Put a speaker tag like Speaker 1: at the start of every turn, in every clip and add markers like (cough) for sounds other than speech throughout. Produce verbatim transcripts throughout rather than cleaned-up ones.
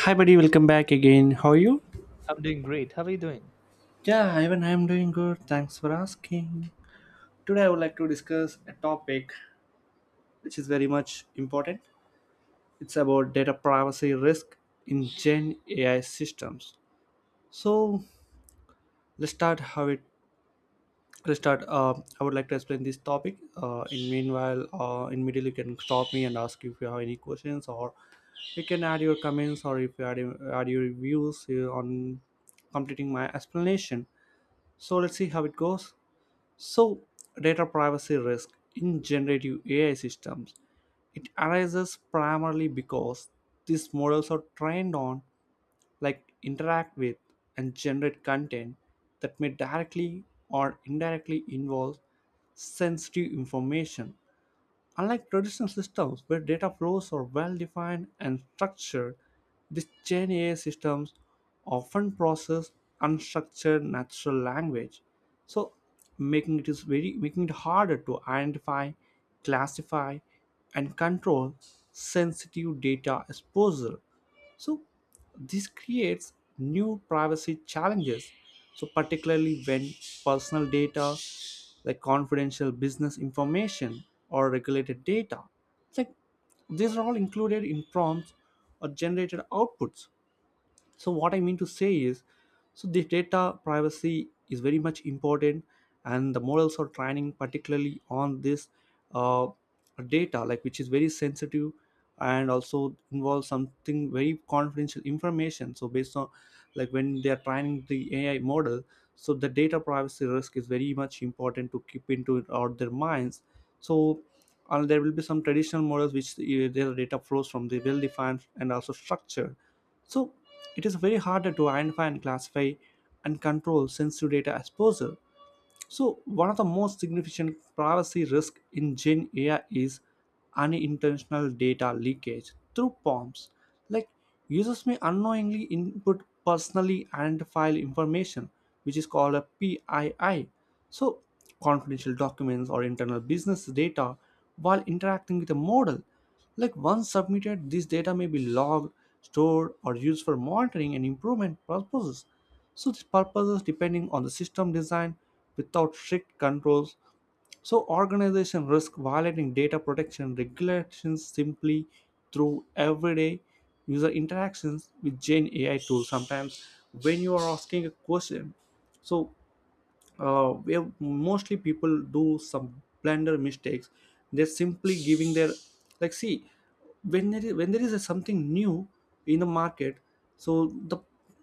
Speaker 1: Hi, buddy, welcome back again. How are you?
Speaker 2: I'm doing great. How are you doing?
Speaker 1: Yeah, even I'm doing good. Thanks for asking. Today, I would like to discuss a topic which is very much important. It's about data privacy risk in Gen A I systems. So, let's start how it let's start uh, i would like to explain this topic, uh, in meanwhile, uh, in middle, you can stop me and ask if you have any questions, or you can add your comments, or if you add, add your views uh, on completing my explanation. So let's see how it goes. So, data privacy risk in generative A I systems, it arises primarily because these models are trained on, like, interact with and generate content that may directly or indirectly involve sensitive information. Unlike traditional systems where data flows are well defined and structured, these Gen A I systems often process unstructured natural language, so making it is very making it harder to identify, classify, and control sensitive data exposure. So this creates new privacy challenges. So particularly when personal data, like confidential business information or regulated data. It's like these are all included in prompts or generated outputs. So what I mean to say is, so the data privacy is very much important, and the models are training particularly on this uh, data, like, which is very sensitive and also involves something very confidential information. So based on, like, when they are training the AI model, so the data privacy risk is very much important to keep into it out their minds. So, and there will be some traditional models which, uh, their data flows from the well defined and also structured. So it is very hard to identify and classify and control sensitive data exposure. So, one of the most significant privacy risks in Gen A I is unintentional data leakage through prompts. Like, users may unknowingly input personally identifiable information, which is called a P I I. So, confidential documents or internal business data while interacting with a model. Like, once submitted, this data may be logged, stored, or used for monitoring and improvement purposes. So these purposes depending on the system design without strict controls. So organization risk violating data protection regulations simply through everyday user interactions with Gen A I tools. Sometimes when you are asking a question, so uh, where mostly people do some blunder mistakes, they're simply giving their, like, see, when there is when there is a something new in the market, so the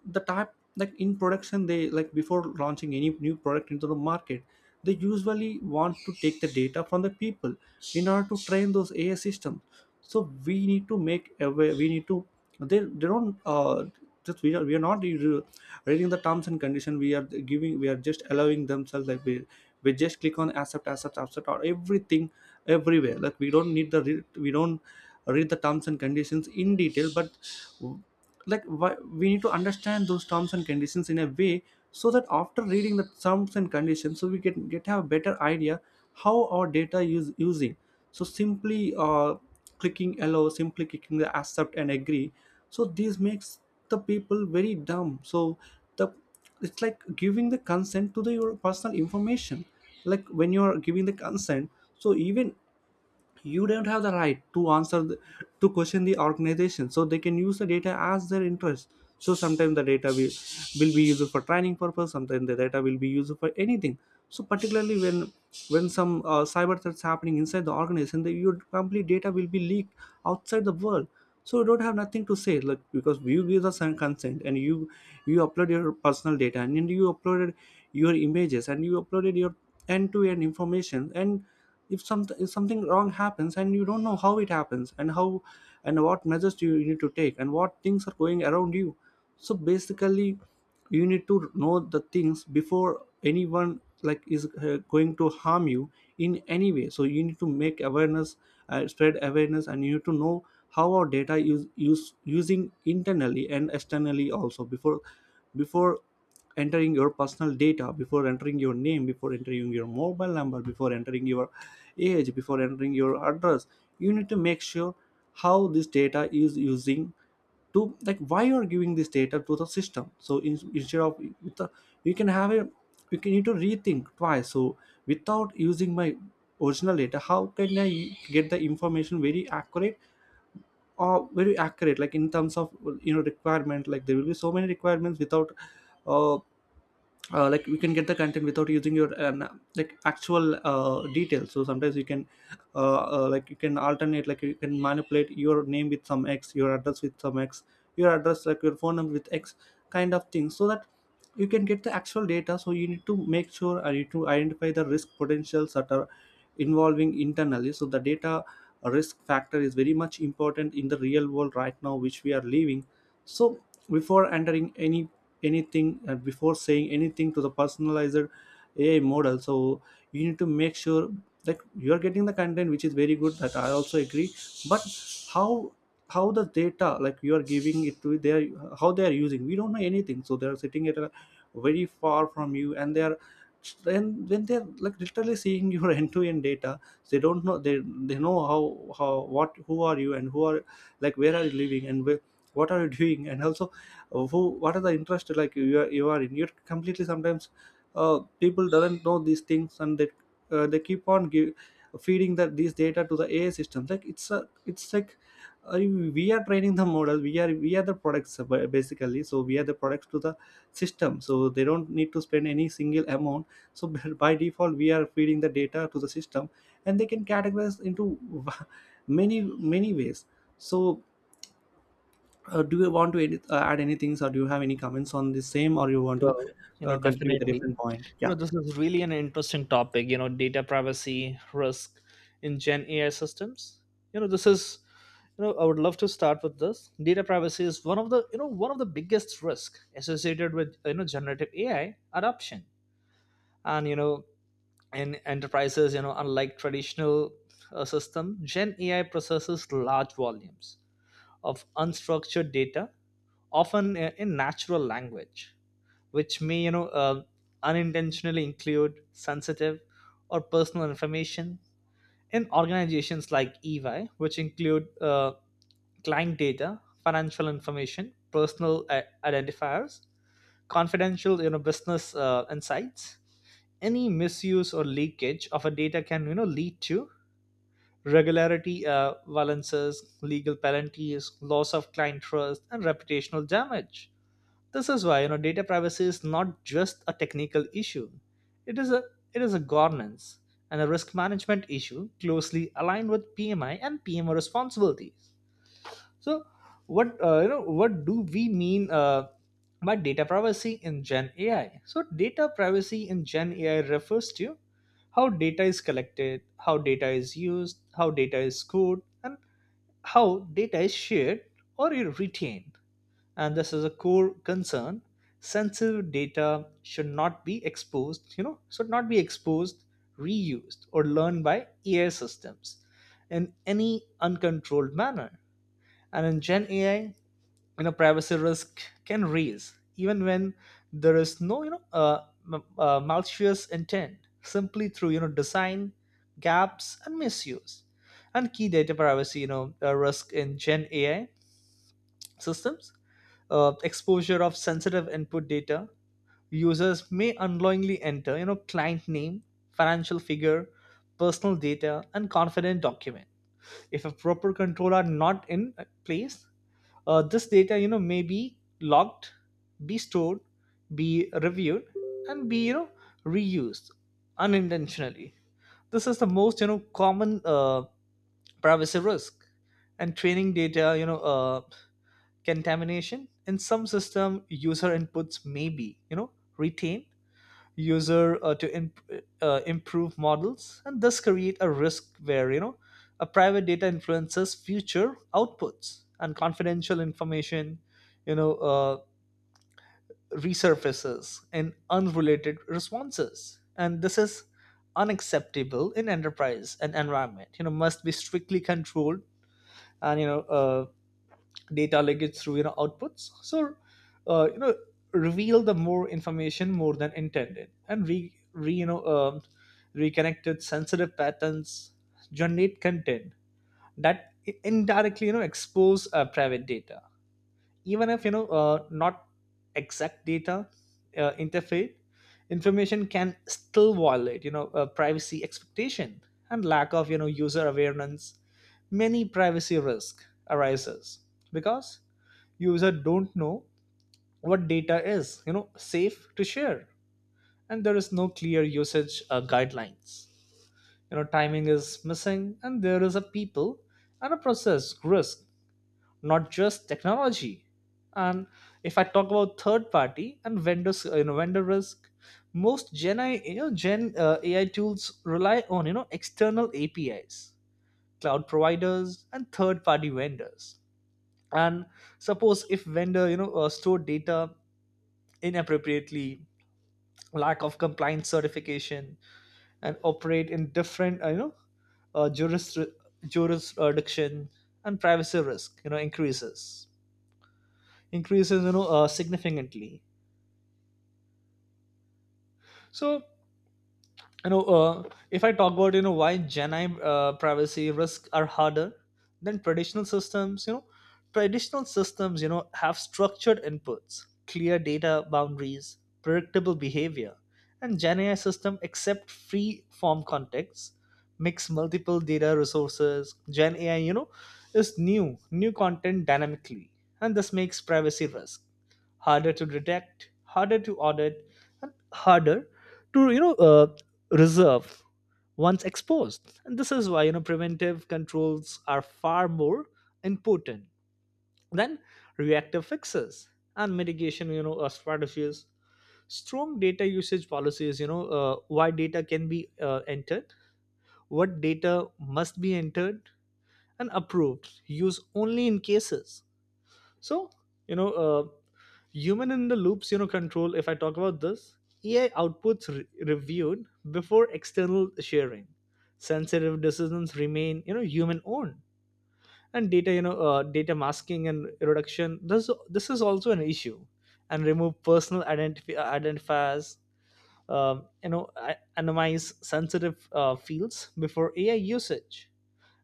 Speaker 1: the type, like in production, they like before launching any new product into the market, they usually want to take the data from the people in order to train those A I systems. So we need to make aware. We need to. They they don't. Uh, just we are, we are not re- reading the terms and condition. We are giving. We are just allowing themselves, like, we we just click on accept, accept, accept, or everything everywhere. Like, we don't need the re- we don't read the terms and conditions in detail, but, like, why, we need to understand those terms and conditions in a way, so that after reading the terms and conditions, so we can get have a better idea how our data is using. So simply, uh, clicking allow, simply clicking the accept and agree, so this makes the people very dumb. So the it's like giving the consent to the your personal information, like when you are giving the consent. So even you don't have the right to answer the, to question the organization, so they can use the data as their interest. So sometimes the data will, will be used for training purpose, sometimes the data will be used for anything. So particularly when, when some uh, cyber threats happening inside the organization, the, your complete data will be leaked outside the world. So you don't have nothing to say, like, because you give the sen- consent, and you you upload your personal data, and then you uploaded your images, and you uploaded your end-to-end information. And if some, if something wrong happens, and you don't know how it happens and how, and what measures do you need to take, and what things are going around you. So basically you need to know the things before anyone, like, is uh, going to harm you in any way. So you need to make awareness, uh, spread awareness, and you need to know how our data is use, using internally and externally also. Before before entering your personal data, before entering your name, before entering your mobile number, before entering your age, before entering your address, you need to make sure how this data is using. To, like, why you are giving this data to the system. So in, instead of with the, you can have a, you can need to rethink twice. So without using my original data, how can I get the information very accurate, or very accurate, like, in terms of, you know, requirement. Like, there will be so many requirements without, uh, uh, like, we can get the content without using your um, like actual uh, details. So sometimes you can, uh, uh, like, you can alternate, like, you can manipulate your name with some X, your address with some X, your address, like, your phone number with X kind of thing, so that you can get the actual data. So you need to make sure, and you need to identify the risk potentials that are involving internally. So the data risk factor is very much important in the real world right now which we are living. So before entering any anything, and before saying anything to the personalizer, AI model, so you need to make sure that you are getting the content which is very good, that I also agree. But how how the data, like you are giving it to their, how they are using, we don't know anything. So they are sitting at a very far from you, and they are, and when they're, like, literally seeing your (laughs) end-to-end data, they don't know, they they know how how what, who are you, and who are, like, where are you living, and where, what are you doing, and also, uh, who, what are the interest, like you are, you are in, you're completely. Sometimes uh, people doesn't know these things, and they uh, they keep on give, feeding that these data to the AI system. Like, it's a it's like, uh, we are training the model, we are we are the products, uh, ba- basically. So we are the products to the system, so they don't need to spend any single amount. So (laughs) by default we are feeding the data to the system, and they can categorize into (laughs) many, many ways. So, uh, do you want to edit, uh, add anything, or do you have any comments on the same, or you want to
Speaker 2: Well, you know,
Speaker 1: uh, continue with a
Speaker 2: definitely.
Speaker 1: different point?
Speaker 2: You
Speaker 1: Yeah.
Speaker 2: know, this is really an interesting topic, you know, data privacy risk in Gen A I systems. You know, this is, you know, I would love to start with this. Data privacy is one of the, you know, one of the biggest risk associated with, you know, generative A I adoption. And, you know, in enterprises, you know, unlike traditional uh, system, Gen A I processes large volumes of unstructured data, often uh, in natural language, which may you know uh, unintentionally include sensitive or personal information in organizations like EY, which include uh, client data, financial information, personal i- identifiers, confidential you know business uh, insights. Any misuse or leakage of a data can you know lead to regularity uh, violences, legal penalties, loss of client trust, and reputational damage. This is why you know data privacy is not just a technical issue. It is a, it is a governance and a risk management issue closely aligned with P M I and P M O responsibilities. So what uh, you know what do we mean uh, by data privacy in Gen A I? So data privacy in Gen A I refers to how data is collected, how data is used, how data is scored, and how data is shared or retained, and this is a core concern. Sensitive data should not be exposed, you know should not be exposed reused, or learned by AI systems in any uncontrolled manner. And in Gen AI, you know privacy risk can raise even when there is no you know uh, m- uh, malicious intent, simply through you know design gaps and misuse. And key data privacy you know uh, risk in Gen AI systems, uh, exposure of sensitive input data. Users may unknowingly enter you know client name, financial figure, personal data, and confident document. If a proper control are not in place, uh, this data you know may be logged, be stored, be reviewed, and be you know reused unintentionally. This is the most you know common uh, privacy risk. And training data you know uh, contamination. In some system, user inputs may be you know retained, user uh, to imp- uh, improve models, and thus create a risk where you know a private data influences future outputs and confidential information you know uh, resurfaces in unrelated responses. And this is unacceptable in enterprise and environment, you know must be strictly controlled. And you know uh, data leakage through you know outputs, so uh, you know reveal the more information more than intended, and re, re you know um, reconnected sensitive patterns, generate content that i- indirectly you know expose uh, private data. Even if you know uh, not exact data, uh, interfere information can still violate you know uh, privacy expectation. And lack of you know user awareness. Many privacy risk arises because user don't know what data is you know safe to share, and there is no clear usage uh, guidelines, you know timing is missing, and there is a people and a process risk, not just technology. And if I talk about third party and vendors, uh, you know vendor risk. Most gen A I, you know gen uh, ai tools rely on you know external APIs, cloud providers, and third party vendors. And suppose if vendor you know uh, store data inappropriately, lack of compliance certification, and operate in different uh, you know uh, juris jurisdiction. And privacy risk you know increases, increases you know uh, significantly. So you know uh, if I talk about you know why gen I uh, privacy risks are harder than traditional systems. you know traditional systems you know have structured inputs, clear data boundaries, predictable behavior. And Gen AI system accept free form context, mix multiple data resources. Gen AI you know is new new content dynamically, and this makes privacy risk harder to detect, harder to audit, and harder to you know uh, reserve once exposed. And this is why you know preventive controls are far more important than reactive fixes and mitigation you know uh, strategies. Strong data usage policies, you know uh, why data can be uh, entered, what data must be entered, and approved use only in cases. So you know uh, human in the loops you know control. If I talk about this, AI outputs re- reviewed before external sharing, sensitive decisions remain you know human owned. And data you know uh, data masking and reduction, this this is also an issue. And remove personal identifi- identifiers, um, you know a- anonymize sensitive uh, fields before AI usage.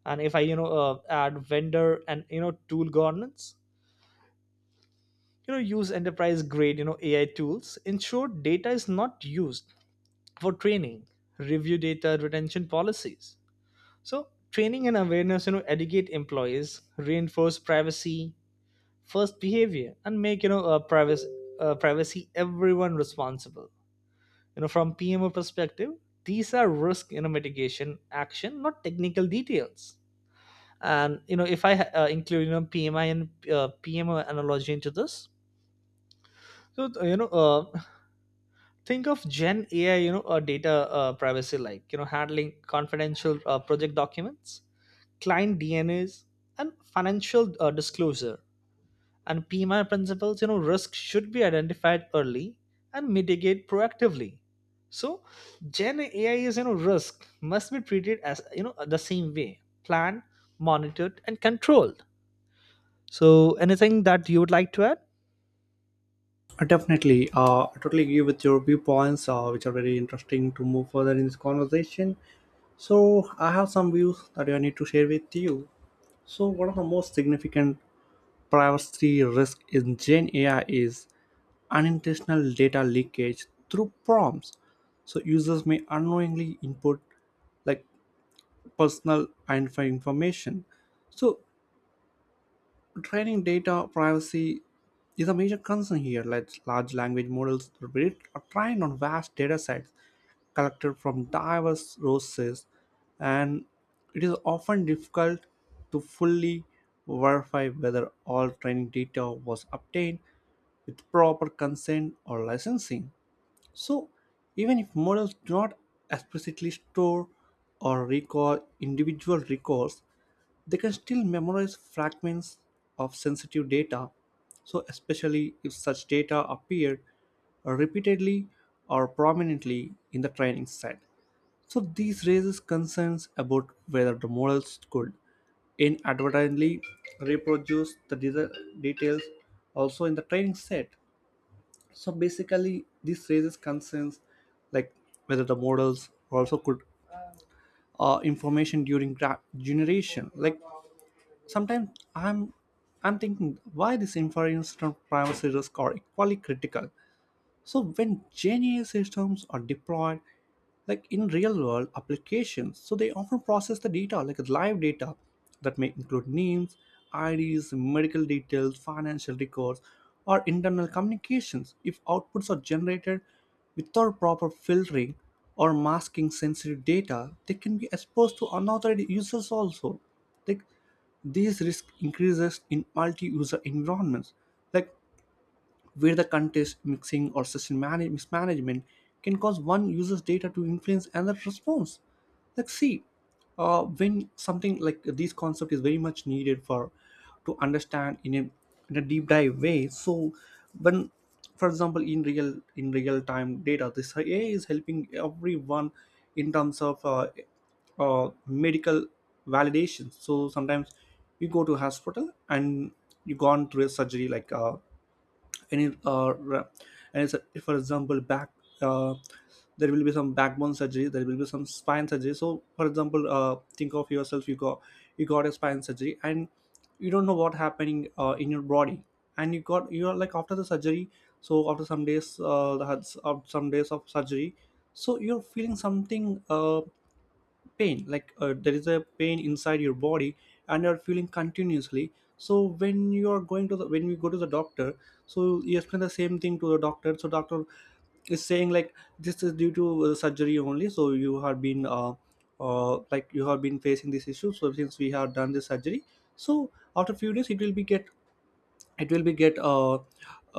Speaker 2: And if I you know uh, add vendor and you know tool governance, you know use enterprise grade you know AI tools, ensure data is not used for training, review data retention policies. So training and awareness, you know educate employees, reinforce privacy first behavior, and make you know uh, privacy uh, privacy everyone responsible. you know from PMO perspective, these are risk you know mitigation action, not technical details. And you know if I uh, include you know PMI and uh, PMO analogy into this. So uh, you know uh, think of Gen AI you know uh, data uh, privacy like you know handling confidential uh, project documents, client DNAs, and financial uh, disclosure. And PMI principles, you know risk should be identified early and mitigate proactively. So Gen AI is you know risk, must be treated as you know the same way, planned, monitored, and controlled. So anything that you would like to add?
Speaker 1: Uh, definitely. Uh, I totally agree with your viewpoints, uh, which are very interesting to move further in this conversation. So I have some views that I need to share with you. So one of the most significant privacy risk in Gen A I is unintentional data leakage through prompts. So users may unknowingly input, like, personal identifying information. So training data privacy is a major concern here. Like, large language models are built or trained on vast data sets collected from diverse sources, and it is often difficult to fully verify whether all training data was obtained with proper consent or licensing. So, even if models do not explicitly store or recall individual records, they can still memorize fragments of sensitive data, so especially if such data appeared repeatedly or prominently in the training set. So these raises concerns about whether the models could inadvertently reproduce the de- details also in the training set. So basically this raises concerns, like, whether the models also could uh, information during gra- generation. Like, sometimes I'm I'm thinking why this inference from privacy risk are equally critical. So when GenAI systems are deployed, like, in real world applications, so they often process the data, like, live data that may include names, I Ds, medical details, financial records, or internal communications. If outputs are generated without proper filtering or masking sensitive data, they can be exposed to unauthorized users also. Like, these risk increases in multi-user environments, like, where the contest mixing or system manage- mismanagement can cause one user's data to influence another response. Like, see, uh, when something, like, this concept is very much needed for to understand in a, in a deep dive way. So, when, for example, in real in real time data, this A I is helping everyone in terms of, uh, uh, medical validation. So sometimes you go to hospital and you gone through a surgery like uh, any or uh, ra- and it's, for example back uh, there will be some backbone surgery, there will be some spine surgery. So for example, uh, think of yourself, you got you got a spine surgery and you don't know what happening uh, in your body, and you got you are like after the surgery. So after some days, uh, the- of some days of surgery, so you're feeling something uh, pain, like uh, there is a pain inside your body and you're feeling continuously. So when you are going to the when you go to the doctor, so you explain the same thing to the doctor, so doctor is saying like this is due to uh, surgery only. So you have been uh, uh, like you have been facing this issue, so since we have done this surgery, so after few days it will be get it will be get uh,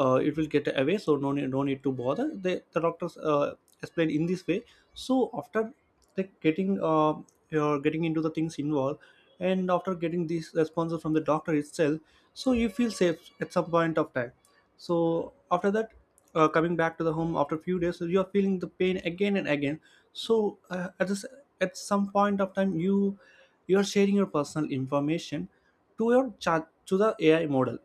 Speaker 1: uh, it will get away. So no need, no need to bother the, the doctors, uh, explain in this way. So after like getting uh, you're getting into the things involved, and after getting these responses from the doctor itself, so you feel safe at some point of time. So after that, uh, coming back to the home after a few days, so you are feeling the pain again and again. So uh, at this, at some point of time, you you are sharing your personal information to your chat to the AI model.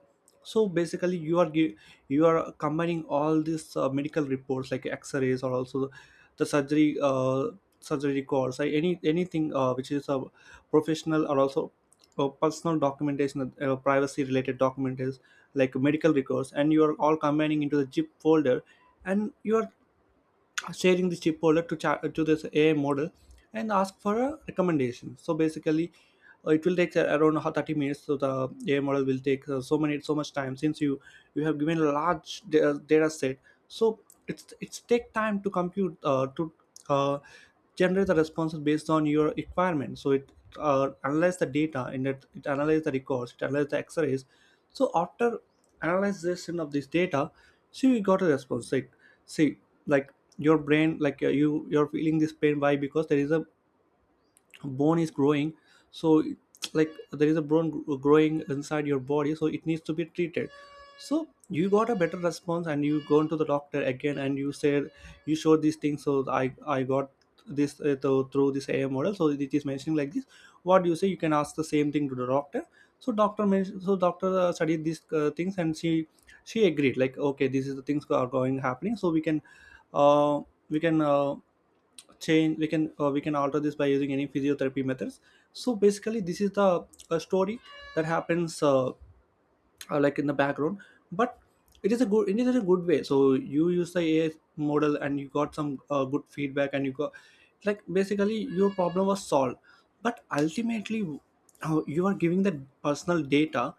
Speaker 1: So basically, you are gi- you are combining all these uh, medical reports like x-rays or also the surgery uh, surgery records or any anything uh, which is a professional or also uh, personal documentation, uh, privacy related documents like medical records, and you are all combining into the zip folder, and you are sharing this chip holder to chat to this A I model and ask for a recommendation. So basically, uh, it will take uh, around ho- thirty minutes. So the A I model will take uh, so many so much time since you you have given a large da- data set. So it's it's take time to compute, uh, to uh, generate the responses based on your requirement. So it uh, analyze the data, and it, it analyze the records, it analyze the X-rays. So after analyzation of this data, see, we got a response. Like, see, like your brain, like uh, you you're feeling this pain. Why? Because there is a bone is growing. So like there is a bone gr- growing inside your body, so it needs to be treated. So you got a better response, and you go into the doctor again, and you said, you showed these things. So i i got this uh, tho- through this AI model, so it is mentioning like this. What do you say? You can ask the same thing to the doctor. So doctor mentioned, so doctor uh, studied these uh, things, and she she agreed like, okay, this is the things are going happening, so we can uh, we can uh, change we can uh, we can alter this by using any physiotherapy methods. So basically this is the uh, story that happens, uh, uh, like in the background. But it is a good, it is a good way. So you use the AI model and you got some uh, good feedback, and you got, like, basically your problem was solved. But ultimately, uh, you are giving the personal data,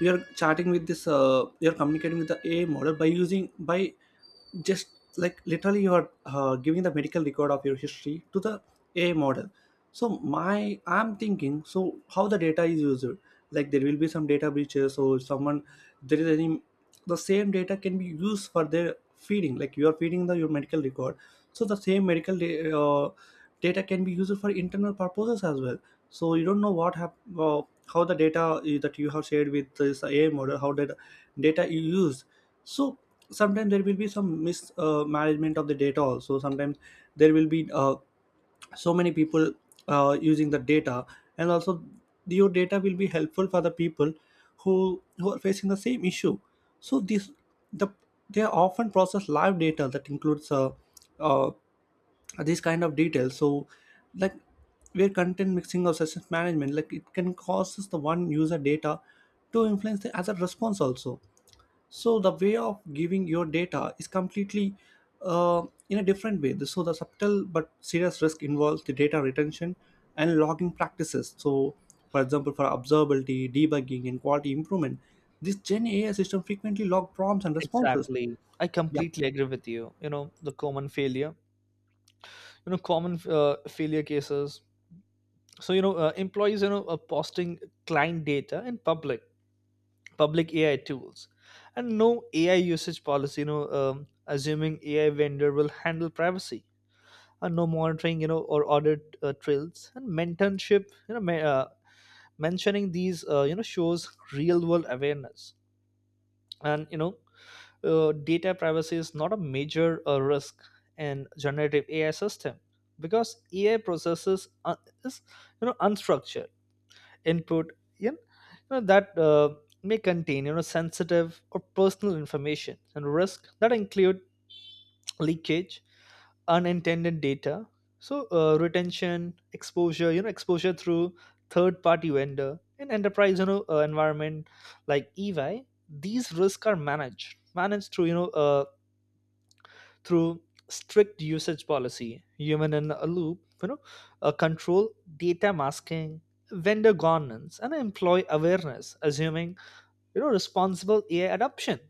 Speaker 1: you are chatting with this uh, you are communicating with the AI model by using, by just, like, literally you're uh, giving the medical record of your history to the AI model. So my I'm thinking, so how the data is used. Like, there will be some data breaches, or someone, there is any, the same data can be used for their feeding. Like you are feeding the your medical record, so the same medical da- uh, data can be used for internal purposes as well. So you don't know what hap- uh, how the data i- that you have shared with this AI model, how did data you use. So sometimes there will be some mismanagement uh, of the data also. Sometimes there will be uh, so many people uh, using the data. And also your data will be helpful for the people who who are facing the same issue. So this, the, they are often process live data that includes uh, uh, these kind of details. So, like, where content mixing or session management, like it can causes the one user data to influence the other response also. So the way of giving your data is completely uh, in a different way. So the subtle but serious risk involves the data retention and logging practices. So for example, for observability, debugging and quality improvement, this Gen AI system frequently log prompts and responses.
Speaker 2: Exactly, I
Speaker 1: Yeah.
Speaker 2: completely agree with you. You know the common failure, you know common uh, failure cases. So you know uh, employees you know are posting client data in public public AI tools, and no AI usage policy, you know um, assuming AI vendor will handle privacy, and no monitoring you know or audit uh, trails, and mentorship you know ma- uh, mentioning these, uh, you know shows real world awareness. And you know uh, data privacy is not a major uh, risk in generative A I system, because A I processes un- is you know unstructured input, you know, that uh, may contain you know sensitive or personal information. And risk that include leakage, unintended data, so uh, retention, exposure, you know exposure through third-party vendor in enterprise you know uh, environment, like E Y. These risks are managed managed through you know uh, through strict usage policy, human in a loop, you know, uh, control, data masking, vendor governance, and employee awareness, assuming you know responsible A I adoption.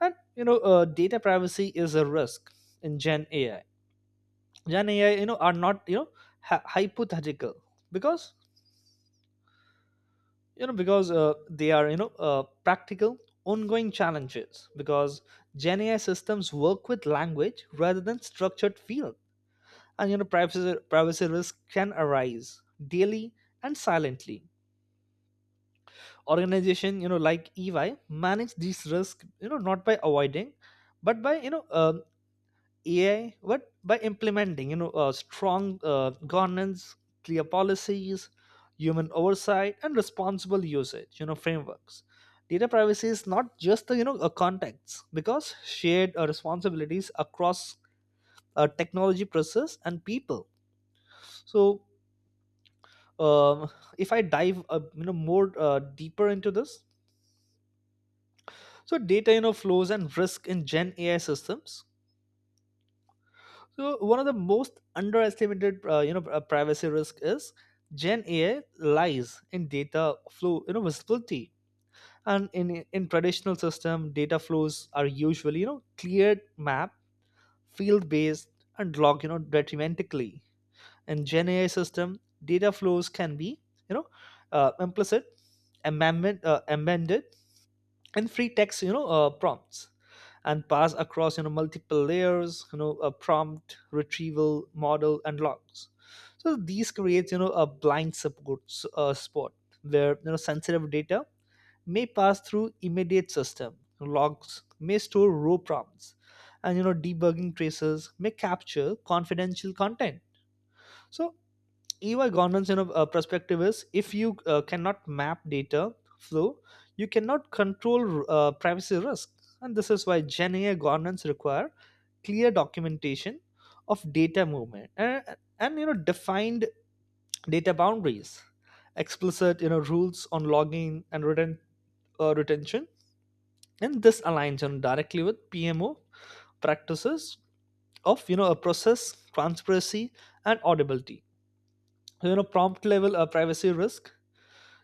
Speaker 2: And you know, uh, data privacy is a risk in Gen A I. Gen A I, you know, are not you know hy- hypothetical, because you know because uh, they are you know uh, practical ongoing challenges, because Gen A I systems work with language rather than structured fields. And you know privacy privacy risk can arise daily and silently. Organization you know like EY manage these risks, you know not by avoiding but by you know um AI, but by implementing you know uh, strong uh, governance, clear policies, human oversight, and responsible usage you know frameworks. Data privacy is not just the you know a context, because shared uh, responsibilities across uh, technology, process, and people. So, um, if I dive uh, you know more uh, deeper into this, so data you know flows and risk in Gen A I systems. So one of the most underestimated uh, you know uh, privacy risk is, Gen A I lies in data flow you know visibility. And in in traditional system, data flows are usually you know cleared map, field based, and log you know detrimentally. In Gen A I system, data flows can be you know uh, implicit, amendment, uh, amended, and free text you know uh, prompts, and pass across you know multiple layers, you know a prompt retrieval model and logs. So these creates you know a blind support s- uh, spot where you know sensitive data may pass through immediate system. Logs may store raw prompts, and you know debugging traces may capture confidential content. So E Y governance, you know, uh, perspective is, if you uh, cannot map data flow, you cannot control uh, privacy risk, and this is why Gen A I governance require clear documentation of data movement, and, and you know defined data boundaries, explicit you know rules on logging and return uh, retention. And this aligns you know, directly with PMO practices of you know a process transparency and audibility. So, you know prompt level uh, privacy risk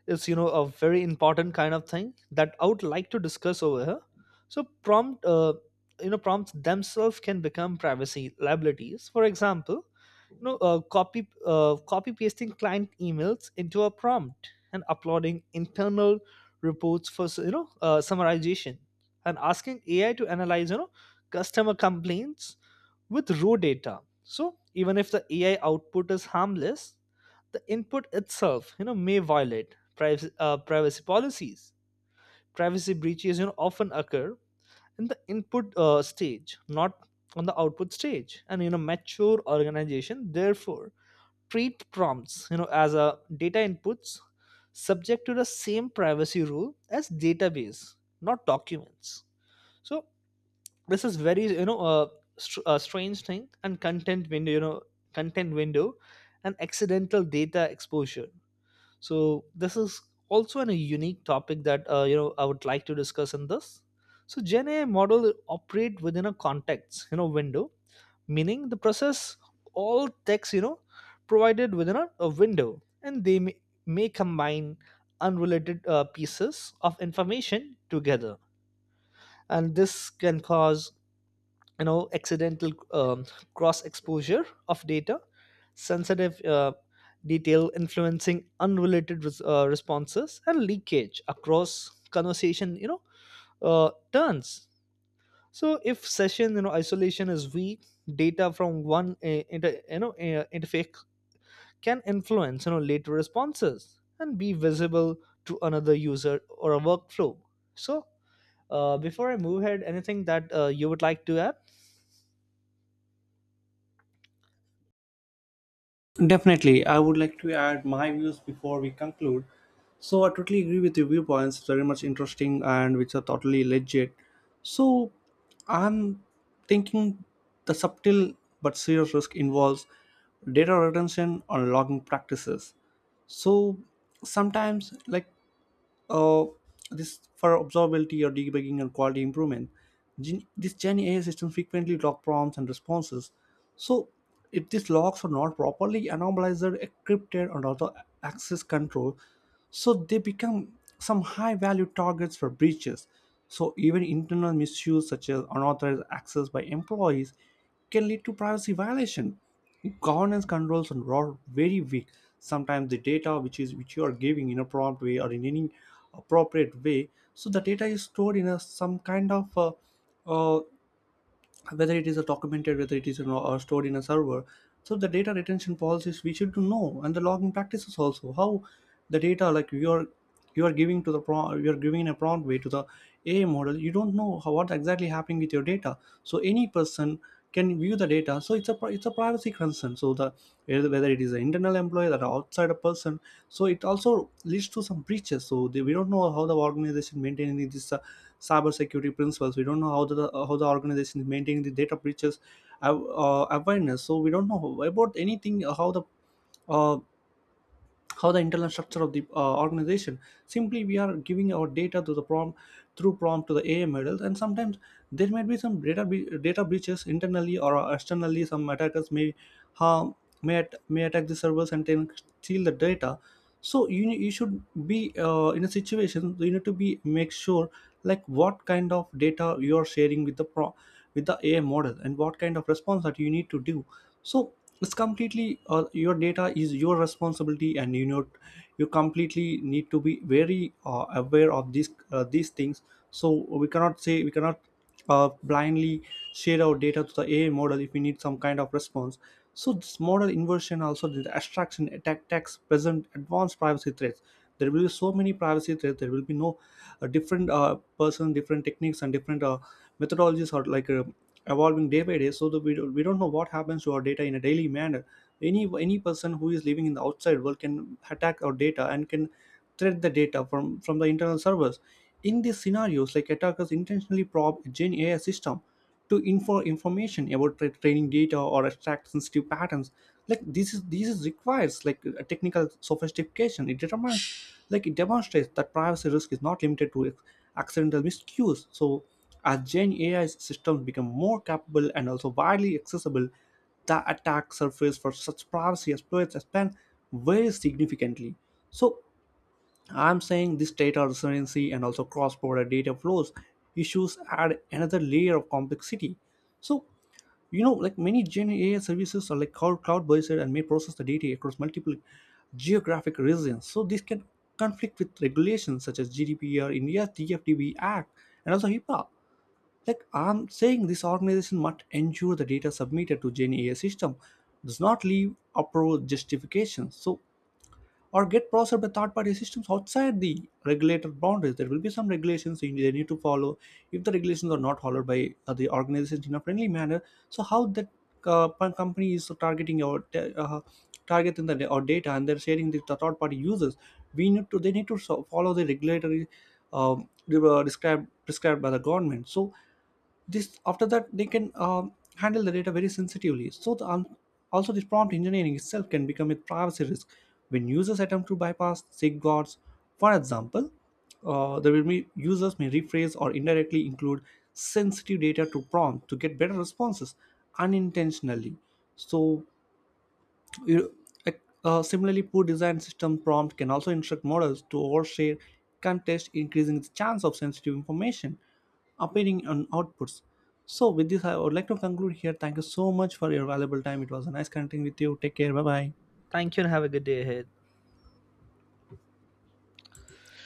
Speaker 2: is you know a very important kind of thing that I would like to discuss over here. So prompt, uh, you know, prompts themselves can become privacy liabilities. For example, you know, uh, copy uh, copy pasting client emails into a prompt, and uploading internal reports for you know uh, summarization, and asking A I to analyze you know customer complaints with raw data. So even if the A I output is harmless, the input itself you know may violate privacy, uh, privacy policies. Privacy breaches you know often occur in the input uh, stage, not on the output stage. And you know mature organization therefore treat prompts you know as a data inputs, subject to the same privacy rule as database, not documents. So this is very you know uh, str- a strange thing. And content window, you know content window and accidental data exposure. So this is also an, a unique topic that uh, you know I would like to discuss in this. So Gen AI model operate within a context you know window, meaning the process all text you know provided within a, a window, and they may, may combine unrelated uh, pieces of information together. And this can cause you know accidental um, cross exposure of data, sensitive uh, detail influencing unrelated res- uh, responses, and leakage across conversation you know uh, turns. So if session you know isolation is weak, data from one uh, inter, you know uh, interface can influence you know later responses and be visible to another user or a workflow. So uh, before I move ahead, anything that uh, you would like to add?
Speaker 1: Definitely, I would like to add my views before we conclude. So I totally agree with your viewpoints, very much interesting and which are totally legit. So I'm thinking the subtle but serious risk involves data retention or logging practices. So sometimes like uh, this for observability or debugging and quality improvement. Gen- this Gen A I system frequently log prompts and responses. So if these logs are not properly anomalized, encrypted, and also access control, so they become some high value targets for breaches. So even internal misuse such as unauthorized access by employees can lead to privacy violation. Governance controls are very weak. Sometimes the data which is, which you are giving in a prompt way or in any appropriate way, so the data is stored in a some kind of, uh, uh, whether it is a documented, whether it is, you know, or stored in a server. So the data retention policies we should know, and the logging practices also, how the data, like you are, you are giving to the pro you are giving a prompt way to the A I model. You don't know how, what exactly happening with your data. So any person can view the data. So it's a pri- it's a privacy concern. So the, whether, whether it is an internal employee or an outside a person. So it also leads to some breaches. So they, we don't know how the organization maintaining this. Uh, cybersecurity principles. We don't know how the, how the organization is maintaining the data breaches, uh, uh, awareness. So we don't know about anything, uh, how the, uh, how the internal structure of the uh, organization. Simply we are giving our data to the prompt through prompt to the AI models. And sometimes there might be some data be- data breaches internally or externally. Some attackers may harm, may, at- may attack the servers and then steal the data. So you ne- you should be uh, in a situation, so you need to be make sure, like, what kind of data you are sharing with the pro with the AI model, and what kind of response that you need to do. So it's completely, uh, your data is your responsibility, and you know, you completely need to be very uh, aware of these uh, these things. So we cannot say, we cannot uh, blindly share our data to the AI model if we need some kind of response. So this model inversion, also the abstraction attack attacks present advanced privacy threats. There will be so many privacy threats. There will be no uh, different uh, person, different techniques, and different uh, methodologies, or like, uh, evolving day by day. So that we don't, we don't know what happens to our data in a daily manner. any any person who is living in the outside world can attack our data and can thread the data from from the internal servers. In these scenarios, like attackers intentionally probe a Gen AI system to infer information about tra- training data or extract sensitive patterns. Like, this is, this is requires like a technical sophistication. It determines, like it demonstrates that privacy risk is not limited to ac- accidental miscues. So as Gen AI systems become more capable and also widely accessible, the attack surface for such privacy exploits expand very significantly. So, I'm saying this data residency and also cross-border data flows issues add another layer of complexity. So, you know, like many Gen A I services are like cloud cloud-based and may process the data across multiple geographic regions. So this can conflict with regulations such as G D P R, India's D F D B Act, and also HIPAA. Like I'm saying, this organization must ensure the data submitted to Gen A I system does not leave approval justifications. So or get processed by third party systems outside the regulated boundaries. There will be some regulations they need to follow. If the regulations are not followed by uh, the organizations in a friendly manner, so how that, uh, company is targeting your ta- uh, target the da- our data and they're sharing the third party users, we need to they need to so- follow the regulatory, um, they were described prescribed by the government. So this, after that they can, um, handle the data very sensitively. So the, um, also this prompt engineering itself can become a privacy risk when users attempt to bypass safeguards. For example, uh, there will be users may rephrase or indirectly include sensitive data to prompt to get better responses unintentionally. So, you-, like, uh, similarly, poor design system prompt can also instruct models to overshare context, increasing the chance of sensitive information appearing on outputs. So, with this, I would like to conclude here. Thank you so much for your valuable time. It was a nice connecting with you. Take care. Bye bye.
Speaker 2: Thank you, and have a good day ahead.